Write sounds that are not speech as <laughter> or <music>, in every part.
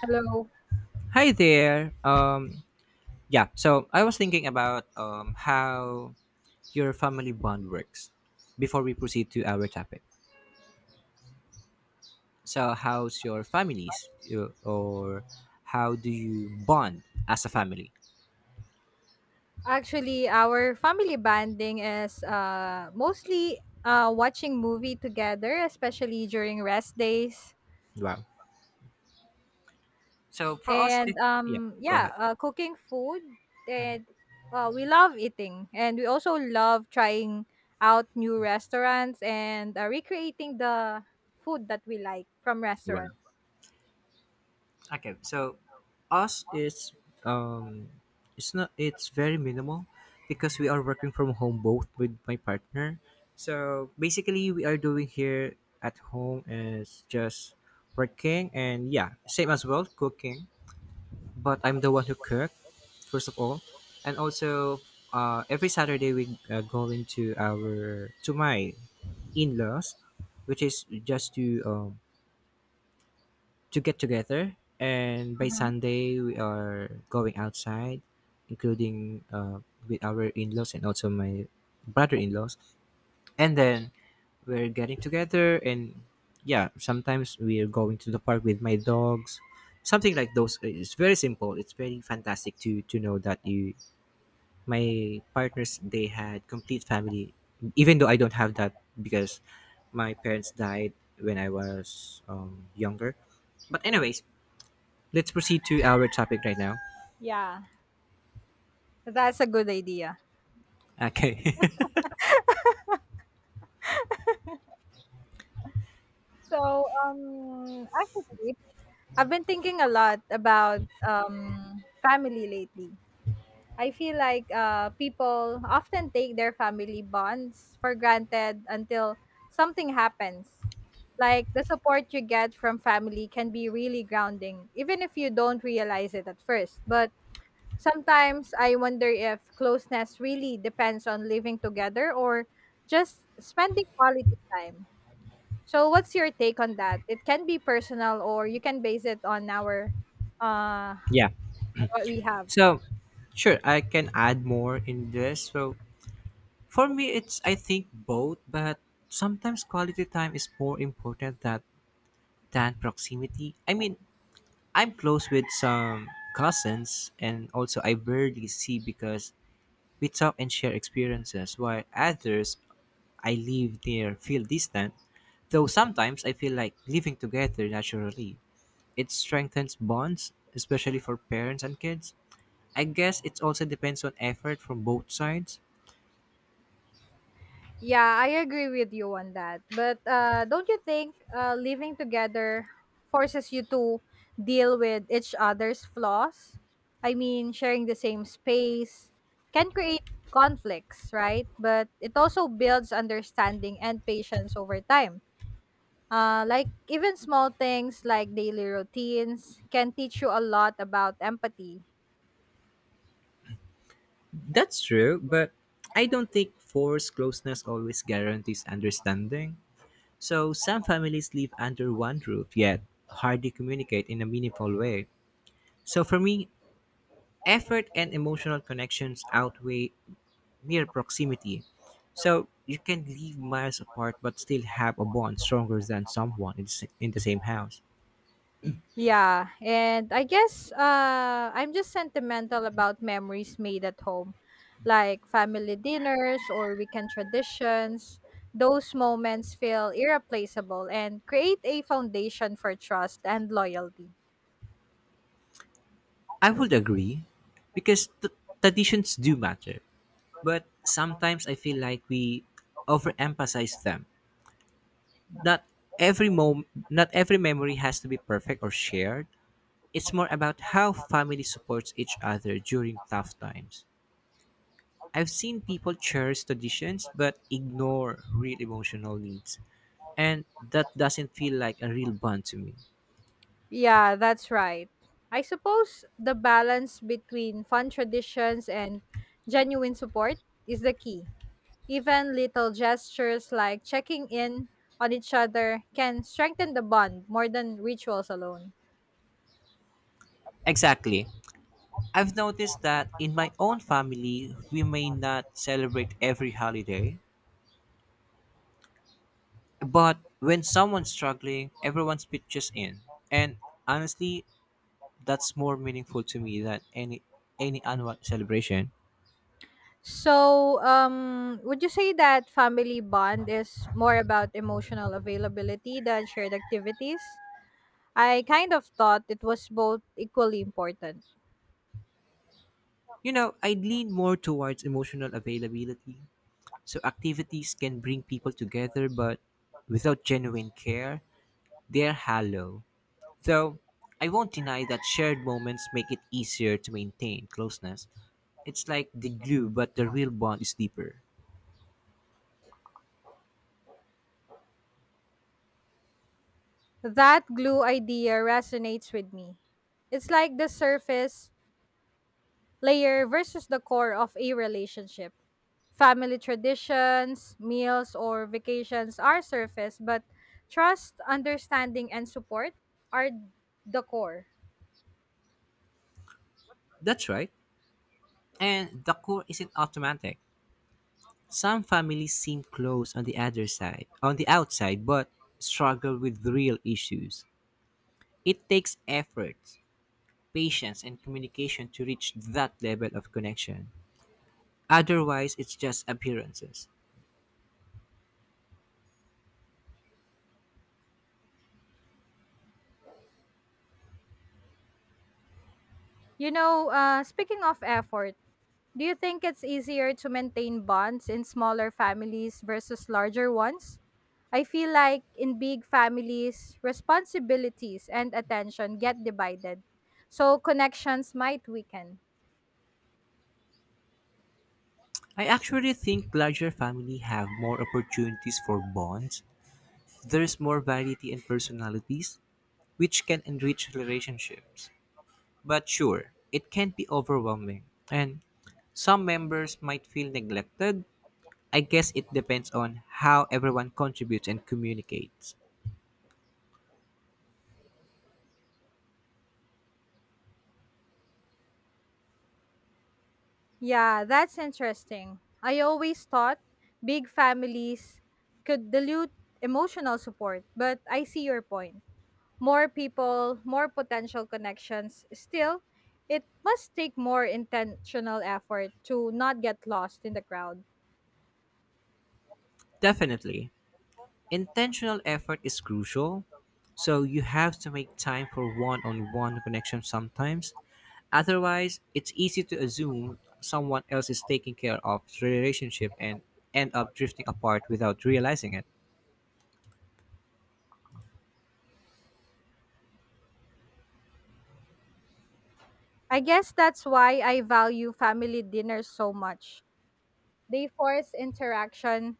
Hello. Hi there. Yeah, so I was thinking about how your family bond works before we proceed to our topic. So, how's your families, or how do you bond as a family? Actually, our family bonding is mostly watching movie together, especially during rest days, Wow. So, for us, and yeah, go ahead. Cooking food, Mhm. and we love eating, and we also love trying out new restaurants and recreating the food that we like from restaurants. Wow. Okay, so us is um it's not it's very minimal because we are working from home both with my partner. So basically we are doing here at home is just working and yeah, same as well cooking, but I'm the one who cook first of all. And also every Saturday we going to our to my in-laws which is just to get together. And by Mhm. Sunday we are going outside, including with our in-laws and also my brother-in-laws, and then we're getting together. And yeah, sometimes we're going to the park with my dogs, something like those. It's very simple, it's very fantastic to know that you my partners they had complete family, even though I don't have that because my parents died when I was younger. But anyways, let's proceed to our topic right now. Yeah, that's a good idea. Okay. So, actually, I've been thinking a lot about family lately. I feel like people often take their family bonds for granted until something happens. Like the support you get from family can be really grounding, even if you don't realize it at first. But sometimes I wonder if closeness really depends on living together or just spending quality time. So what's your take on that? It can be personal or you can base it on our uh <laughs> Yeah. on what we have. So, sure, I can add more in this. So, for me, it's I think both, but sometimes quality time is more important that than proximity. I mean, I'm close with some cousins, and also I barely see because we talk and share experiences, while others I live near feel distant. Though sometimes I feel like living together naturally, it strengthens bonds, especially for parents and kids. I guess it also depends on effort from both sides. Yeah, I agree with you on that. But don't you think living together forces you to deal with each other's flaws? I mean, sharing the same space can create conflicts, right? But it also builds understanding and patience over time. Like even small things like daily routines can teach you a lot about empathy. That's true, but I don't think forced closeness always guarantees understanding. So some families live under one roof, yet hardly communicate in a meaningful way. So for me, effort and emotional connections outweigh mere proximity. So you can live miles apart but still have a bond stronger than someone in in the same house. Yeah, and I guess I'm just sentimental about memories made at home, like family dinners or weekend traditions. Those moments feel irreplaceable and create a foundation for trust and loyalty. I would agree because traditions do matter, but sometimes I feel like we overemphasize them. Not not every memory has to be perfect or shared. It's more about how family supports each other during tough times. I've seen people cherish traditions but ignore real emotional needs, and that doesn't feel like a real bond to me. Yeah, that's right. I suppose the balance between fun traditions and genuine support is the key. Even little gestures like checking in on each other can strengthen the bond more than rituals alone. Exactly. I've noticed that in my own family, we may not celebrate every holiday, but when someone's struggling, everyone pitches in. And honestly, that's more meaningful to me than any annual celebration. So, would you say that family bond is more about emotional availability than shared activities? I kind of thought it was both equally important. You know, I lean more towards emotional availability. So activities can bring people together, but without genuine care, they're hollow. Though I won't deny that shared moments make it easier to maintain closeness. It's like the glue, but the real bond is deeper. That glue idea resonates with me. It's like the surface layer versus the core of a relationship. Family traditions, meals, or vacations are surface, but trust, understanding, and support are the core. That's right. And the core isn't automatic. Some families seem close on the other side, on the outside, but struggle with real issues. It takes effort, patience, and communication to reach that level of connection. Otherwise, it's just appearances. You know, speaking of effort, do you think it's easier to maintain bonds in smaller families versus larger ones? I feel like in big families, responsibilities and attention get divided, so connections might weaken. I actually think larger families have more opportunities for bonds. There is more variety in personalities, which can enrich relationships. But sure, it can be overwhelming, and some members might feel neglected. I guess it depends on how everyone contributes and communicates. Yeah, that's interesting. I always thought big families could dilute emotional support, but I see your point. More people, more potential connections. Still, it must take more intentional effort to not get lost in the crowd. Definitely, intentional effort is crucial, so you have to make time for one on one connection sometimes. Otherwise, it's easy to assume someone else is taking care of the relationship and end up drifting apart without realizing it. I guess that's why I value family dinners so much. They force interaction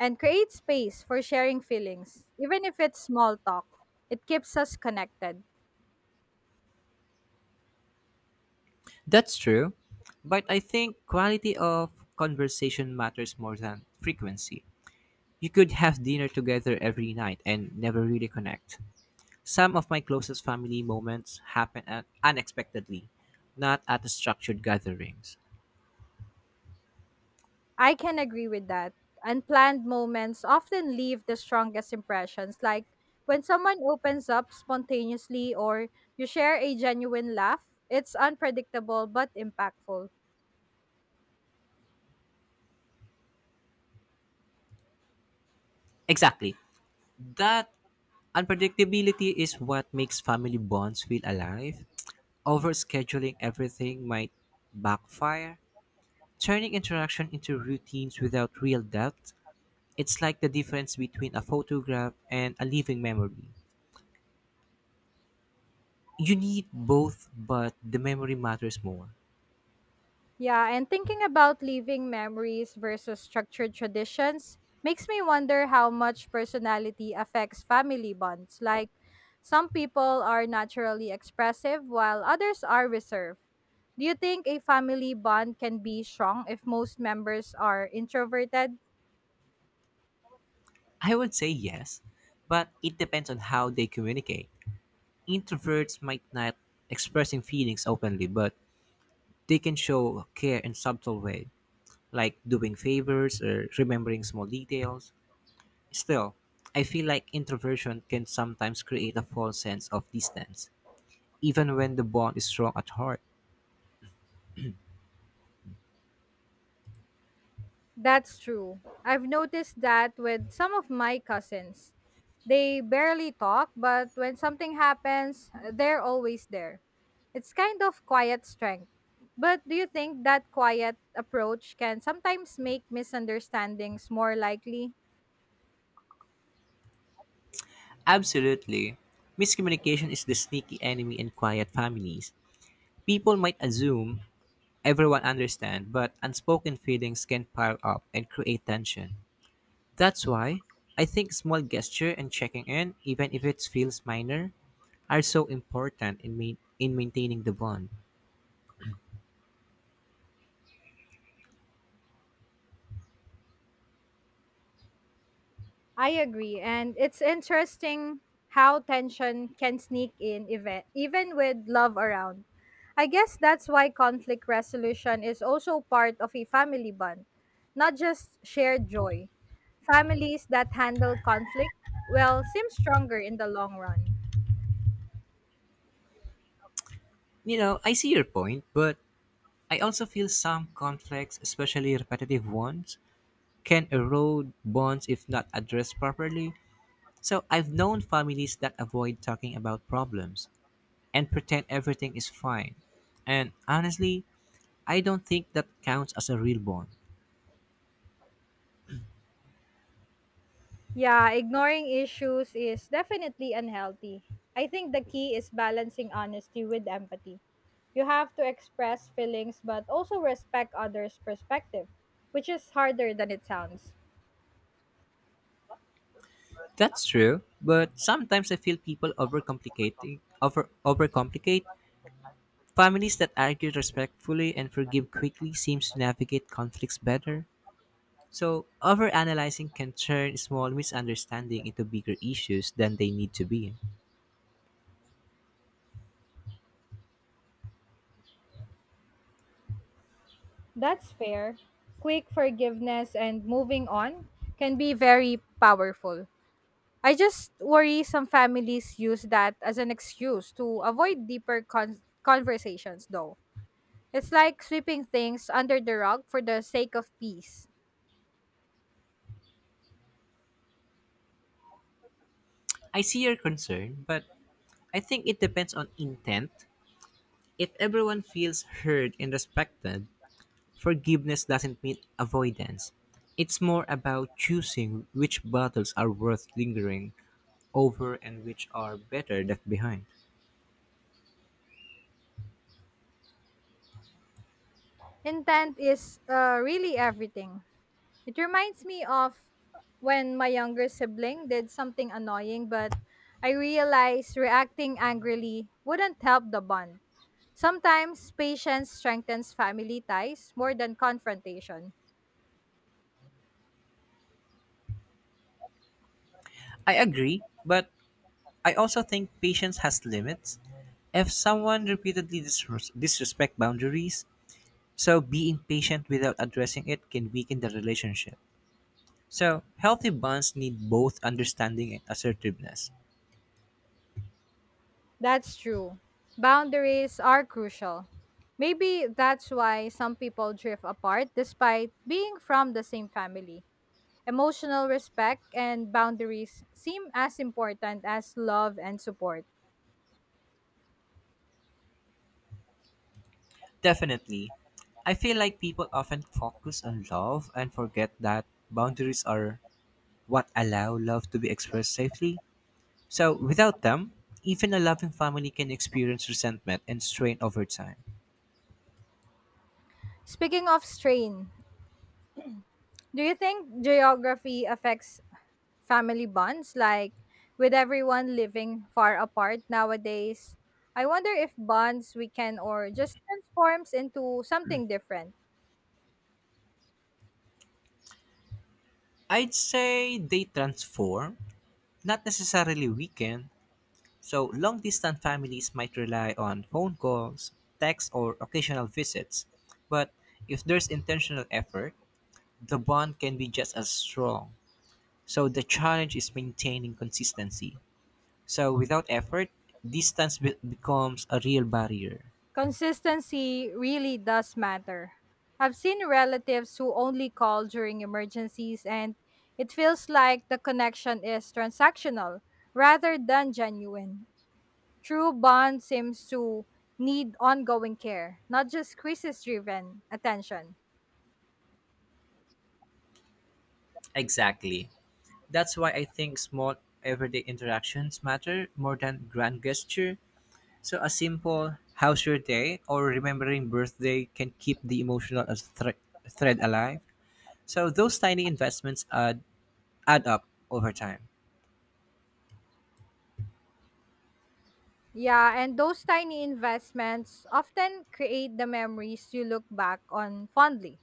and create space for sharing feelings, even if it's small talk. It keeps us connected. That's true, but I think quality of conversation matters more than frequency. You could have dinner together every night and never really connect. Some of my closest family moments happen at unexpectedly, not at the structured gatherings. I can agree with that. Unplanned moments often leave the strongest impressions, like when someone opens up spontaneously or you share a genuine laugh, it's unpredictable but impactful. Exactly. That unpredictability is what makes family bonds feel alive. Overscheduling everything might backfire, turning interaction into routines without real depth. It's like the difference between a photograph and a living memory. You need both, but the memory matters more. Yeah, and thinking about leaving memories versus structured traditions makes me wonder how much personality affects family bonds. Like, some people are naturally expressive while others are reserved. Do you think a family bond can be strong if most members are introverted? I would say yes, but it depends on how they communicate. Introverts might not expressing feelings openly, but they can show care in subtle way, like doing favors or remembering small details. Still, I feel like introversion can sometimes create a false sense of distance, even when the bond is strong at heart. That's true. I've noticed that with some of my cousins. They barely talk, but when something happens, they're always there. It's kind of quiet strength. But do you think that quiet approach can sometimes make misunderstandings more likely? Absolutely. Miscommunication is the sneaky enemy in quiet families. People might assume everyone understands, but unspoken feelings can pile up and create tension. That's why I think small gesture and checking in, even if it feels minor, are so important in maintaining the bond. I agree. And it's interesting how tension can sneak in event, even with love around. I guess that's why conflict resolution is also part of a family bond, not just shared joy. Families that handle conflict, well, seem stronger in the long run. You know, I see your point, but I also feel some conflicts, especially repetitive ones, can erode bonds if not addressed properly. So I've known families that avoid talking about problems and pretend everything is fine. And honestly, I don't think that counts as a real bond. Yeah, ignoring issues is definitely unhealthy. I think the key is balancing honesty with empathy. You have to express feelings but also respect others' perspective, which is harder than it sounds. That's true, but sometimes I feel people overcomplicating over overcomplicate. Families that argue respectfully and forgive quickly seems to navigate conflicts better. So overanalyzing can turn small misunderstanding into bigger issues than they need to be. That's fair. Quick forgiveness and moving on can be very powerful. I just worry some families use that as an excuse to avoid deeper conversations, though. It's like sweeping things under the rug for the sake of peace. I see your concern, but I think it depends on intent. If everyone feels heard and respected, forgiveness doesn't mean avoidance. It's more about choosing which battles are worth lingering over and which are better left behind. Intent is really everything. It reminds me of when my younger sibling did something annoying, but I realized reacting angrily wouldn't help the bond. Sometimes patience strengthens family ties more than confrontation. I agree, but I also think patience has limits. If someone repeatedly disrespect boundaries, so being patient without addressing it can weaken the relationship. So, healthy bonds need both understanding and assertiveness. That's true. Boundaries are crucial. Maybe that's why some people drift apart despite being from the same family. Emotional respect and boundaries seem as important as love and support. Definitely. I feel like people often focus on love and forget that boundaries are what allow love to be expressed safely. So, without them, even a loving family can experience resentment and strain over time. Speaking of strain, do you think geography affects family bonds? Like, with everyone living far apart nowadays, I wonder if bonds weaken or just transforms into something different. I'd say they transform, not necessarily weaken. So, long distance families might rely on phone calls, texts, or occasional visits. But if there's intentional effort, the bond can be just as strong. So the challenge is maintaining consistency. So without effort, distance becomes a real barrier. Consistency really does matter. I've seen relatives who only call during emergencies, and it feels like the connection is transactional rather than genuine. True bond seems to need ongoing care, not just crisis driven attention. Exactly. That's why I think small everyday interactions matter more than grand gesture. So a simple how's your day or remembering birthday can keep the emotional as thread alive. So those tiny investments add up over time. Yeah, and those tiny investments often create the memories you look back on fondly.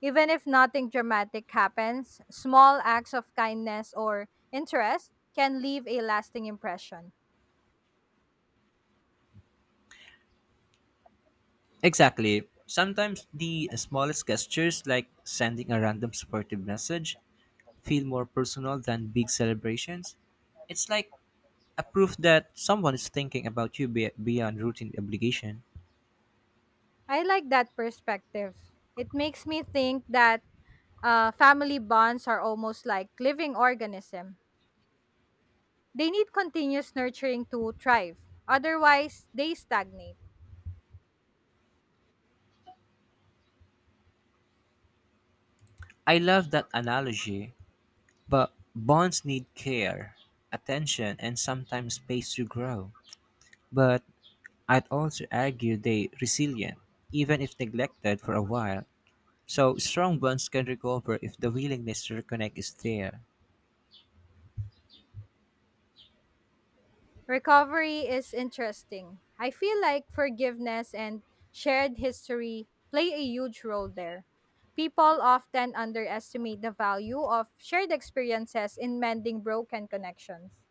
Even if nothing dramatic happens, small acts of kindness or interest can leave a lasting impression. Exactly. Sometimes the smallest gestures like sending a random supportive message feel more personal than big celebrations. It's like a proof that someone is thinking about you beyond routine obligation. I like that perspective. It makes me think that family bonds are almost like living organism. They need continuous nurturing to thrive. Otherwise, they stagnate. I love that analogy, but bonds need care, attention, and sometimes space to grow. But I'd also argue they resilient, even if neglected for a while. So strong bonds can recover if the willingness to reconnect is there. Recovery is interesting. I feel like forgiveness and shared history play a huge role there. People often underestimate the value of shared experiences in mending broken connections.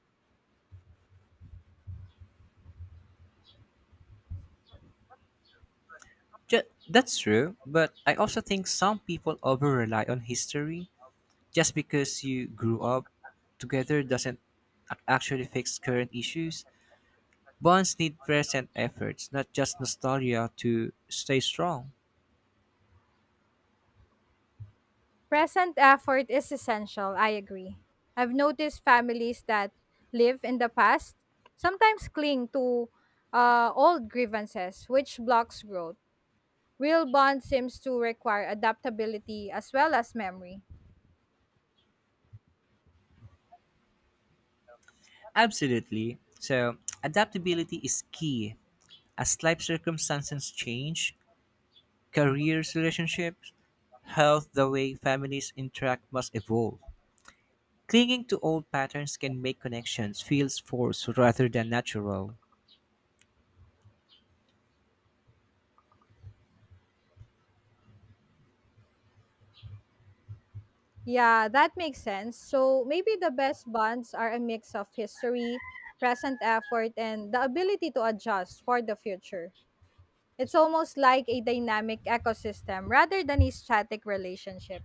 That's true, but I also think some people over rely on history. Just because you grew up together doesn't actually fix current issues. Bonds need present efforts, not just nostalgia, to stay strong. Present effort is essential, I agree. I've noticed families that live in the past sometimes cling to old grievances, which blocks growth. Real bond seems to require adaptability as well as memory. Absolutely. So, adaptability is key. As life circumstances change, careers, relationships, health, the way families interact must evolve. Clinging to old patterns can make connections feel forced rather than natural. Yeah, that makes sense. So maybe the best bonds are a mix of history, present effort, and the ability to adjust for the future. It's almost like a dynamic ecosystem rather than a static relationship.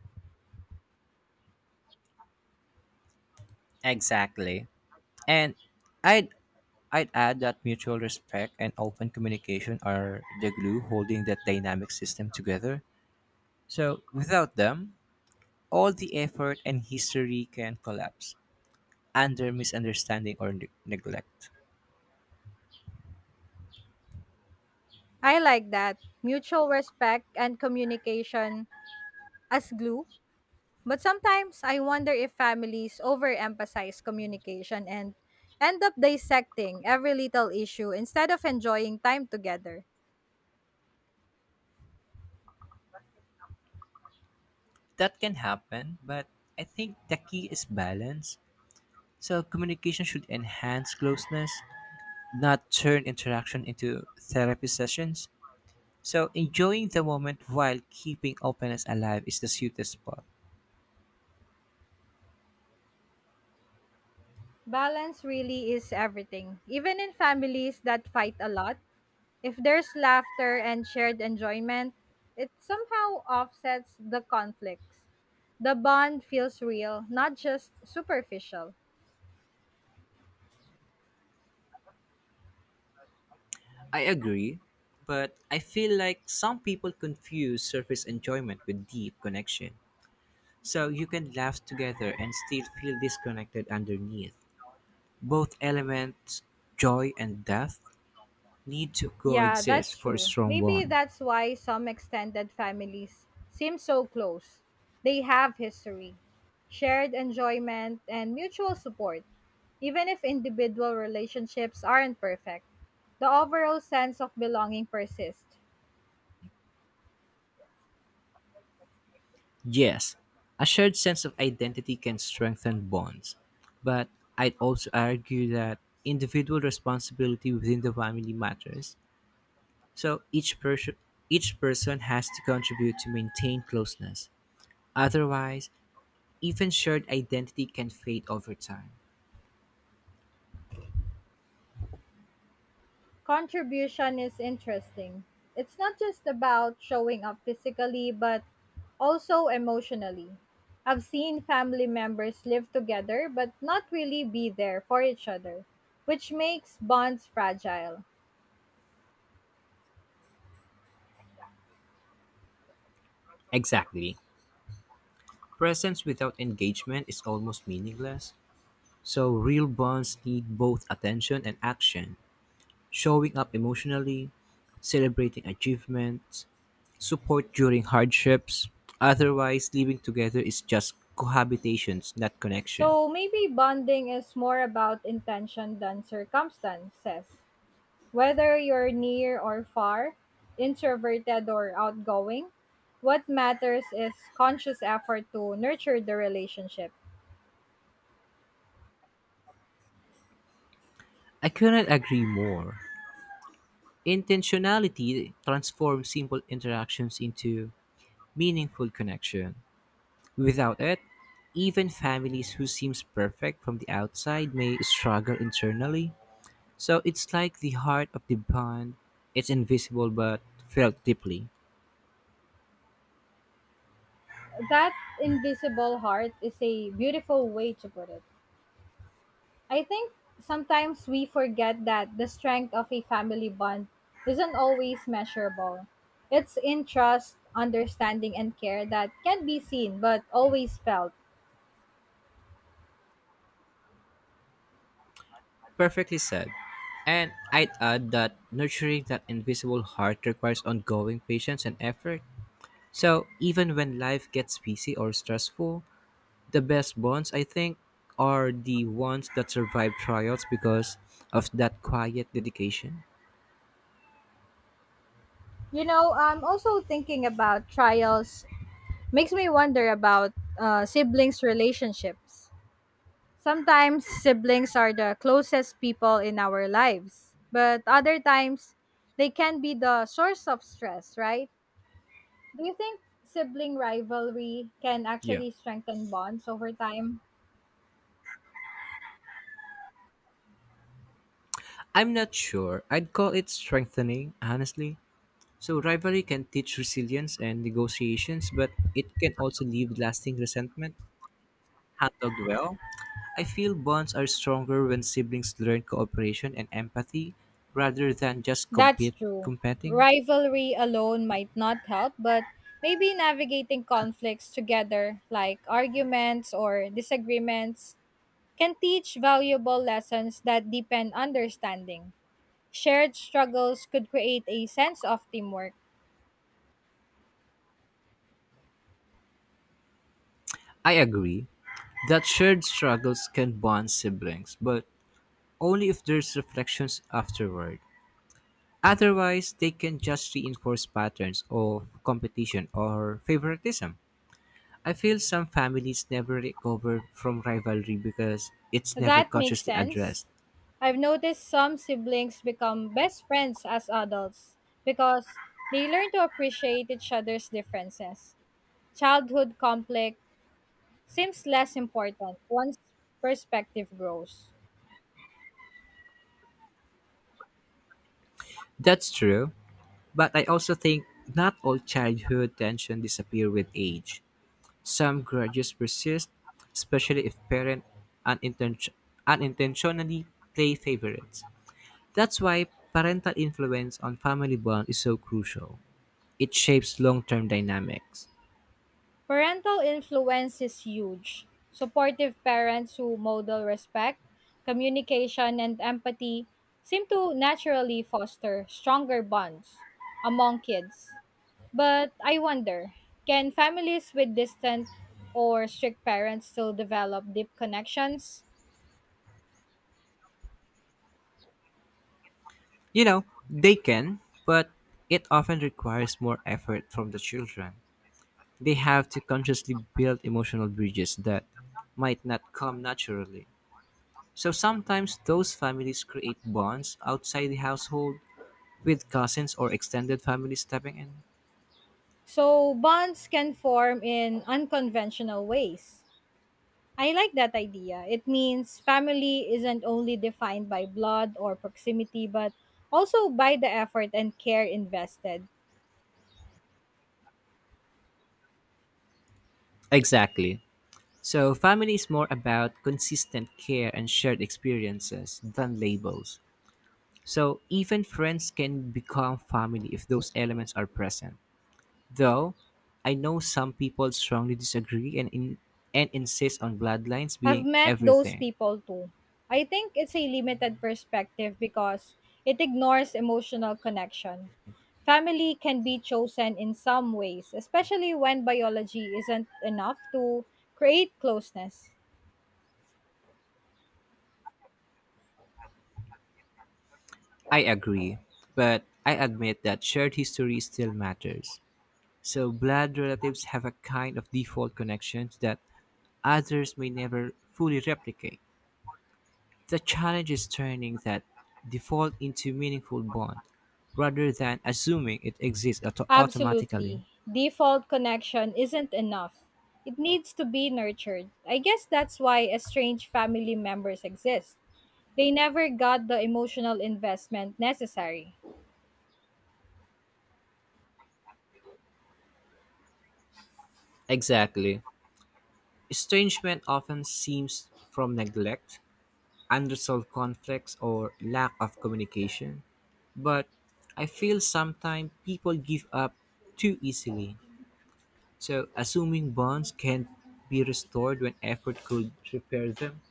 Exactly. And I'd I'd add that mutual respect and open communication are the glue holding that dynamic system together. So, without them, all the effort and history can collapse under misunderstanding or neglect. I like that. Mutual respect and communication as glue. But sometimes I wonder if families overemphasize communication and end up dissecting every little issue instead of enjoying time together. That can happen, but I think the key is balance. So, communication should enhance closeness, not turn interaction into therapy sessions. So, enjoying the moment while keeping openness alive is the sweetest spot. Balance really is everything. Even in families that fight a lot, if there's laughter and shared enjoyment, it somehow offsets the conflicts. The bond feels real, not just superficial. I agree, but I feel like some people confuse surface enjoyment with deep connection. So you can laugh together and still feel disconnected underneath. Both elements, joy and depth, need to Yeah, that's coexist for a true. strong Maybe bond. that's why some extended families seem so close. They have history, shared enjoyment, and mutual support. Even if individual relationships aren't perfect, the overall sense of belonging persists. Yes, a shared sense of identity can strengthen bonds, but I'd also argue that individual responsibility within the family matters. So each person has to contribute to maintain closeness. Otherwise, even shared identity can fade over time. Contribution is interesting. It's not just about showing up physically, but also emotionally. I've seen family members live together but not really be there for each other, which makes bonds fragile. Exactly. Presence without engagement is almost meaningless. So, real bonds need both attention and action. Showing up emotionally, celebrating achievements, support during hardships. Otherwise, living together is just cohabitations, not connection. So maybe bonding is more about intention than circumstances. Whether you're near or far, introverted or outgoing, what matters is conscious effort to nurture the relationship. I couldn't agree more. Intentionality transforms simple interactions into meaningful connection. Without it, even families who seems perfect from the outside may struggle internally. So it's like the heart of the bond. It's invisible but felt deeply. That invisible heart is a beautiful way to put it. I think sometimes we forget that the strength of a family bond isn't always measurable. It's in trust, understanding, and care that can be seen but always felt. Perfectly said. And I'd add that nurturing that invisible heart requires ongoing patience and effort. So even when life gets busy or stressful, the best bonds I think are the ones that survive trials because of that quiet dedication. You know, I'm also thinking about trials. Makes me wonder about siblings' relationships. Sometimes siblings are the closest people in our lives, but other times they can be the source of stress, right? Do you think sibling rivalry can Yeah. actually strengthen bonds over time? I'm not sure. I'd call it strengthening, honestly. So, rivalry can teach resilience and negotiations, but it can also leave lasting resentment. Handled well, I feel bonds are stronger when siblings learn cooperation and empathy rather than just That's compete true. competing. Rivalry alone might not help, but maybe navigating conflicts together, like arguments or disagreements, can teach valuable lessons that deepen understanding. Shared struggles could create a sense of teamwork. I agree that shared struggles can bond siblings, but only if there's reflections afterward. Otherwise, they can just reinforce patterns of competition or favoritism. I feel some families never recover from rivalry because it's never That makes consciously addressed. sense. I've noticed some siblings become best friends as adults because they learn to appreciate each other's differences. Childhood conflict seems less important once perspective grows. That's true, but I also think not all childhood tension disappear with age. Some grudges persist, especially if parents uninten- unintentionally play favorites. That's why parental influence on family bond is so crucial. It shapes long-term dynamics. Parental influence is huge. Supportive parents who model respect, communication, and empathy seem to naturally foster stronger bonds among kids. But I wonder, can families with distant or strict parents still develop deep connections? You know, they can, but it often requires more effort from the children. They have to consciously build emotional bridges that might not come naturally. So sometimes those families create bonds outside the household with cousins or extended family stepping in. So bonds can form in unconventional ways. I like that idea. It means family isn't only defined by blood or proximity, but also by the effort and care invested. Exactly. So family is more about consistent care and shared experiences than labels. So even friends can become family if those elements are present. Though I know some people strongly disagree and insist on bloodlines I've being met those everything. people too. I think it's a limited perspective because it ignores emotional connection. Family can be chosen in some ways, especially when biology isn't enough to create closeness. I agree, but I admit that shared history still matters. So, blood relatives have a kind of default connections that others may never fully replicate. The challenge is turning that default into meaningful bond rather than assuming it exists automatically. Absolutely. Default connection isn't enough. It needs to be nurtured. I guess that's why estranged family members exist. They never got the emotional investment necessary. Exactly. Estrangement often seems from neglect, unresolved conflicts or lack of communication, but I feel sometimes people give up too easily. So, assuming bonds can be restored when effort could repair them.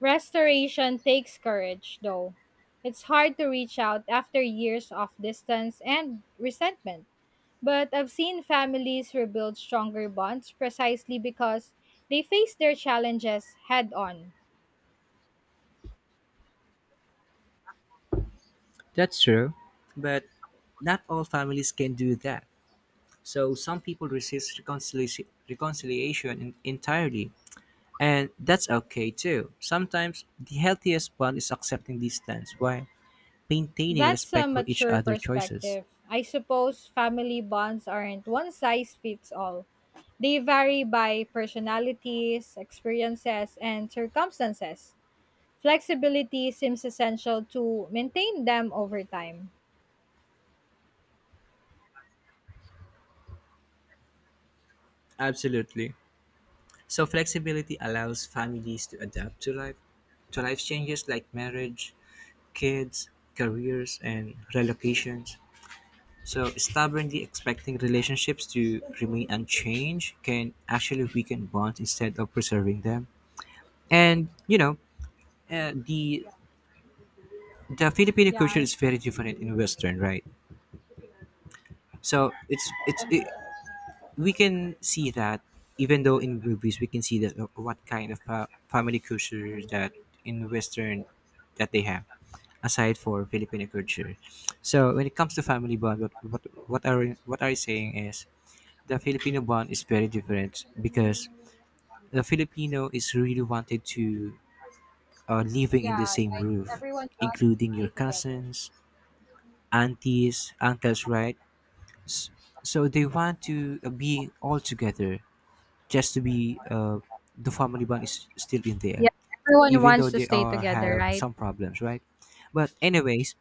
Restoration takes courage, though. It's hard to reach out after years of distance and resentment. But I've seen families rebuild stronger bonds precisely because they face their challenges head on. That's true, but not all families can do that. So, some people resist reconciliation entirely, and that's okay too. Sometimes the healthiest bond is accepting distance while maintaining That's a respect for each mature other's choices. perspective. I suppose family bonds aren't one size fits all. They vary by personalities, experiences, and circumstances. Flexibility seems essential to maintain them over time. Absolutely. So flexibility allows families to adapt to life changes like marriage, kids, careers and relocations. So stubbornly expecting relationships to remain unchanged can actually weaken bonds instead of preserving them. And you know, uh, the the Filipino Yeah, culture I- is very different in Western, right? So we can see that even though in movies we can see that what kind of family culture that in western that they have aside for Filipino culture. So when it comes to family bond what are you saying is the Filipino bond is very different because the Filipino is really wanted to living in the yeah, same like roof, everyone wants to including stay your together. cousins, aunties, uncles, right? S- so they want to be all together, just to be the family bond is still in Yeah, there, everyone even though wants to they stay are together, have right? some problems, right? But anyways,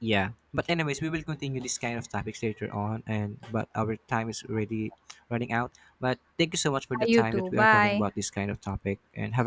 yeah, but anyways we will continue this kind of topics later on, and but our time is already running out. But thank you so much for the You time too. that we are talking Bye. about this kind of topic, and have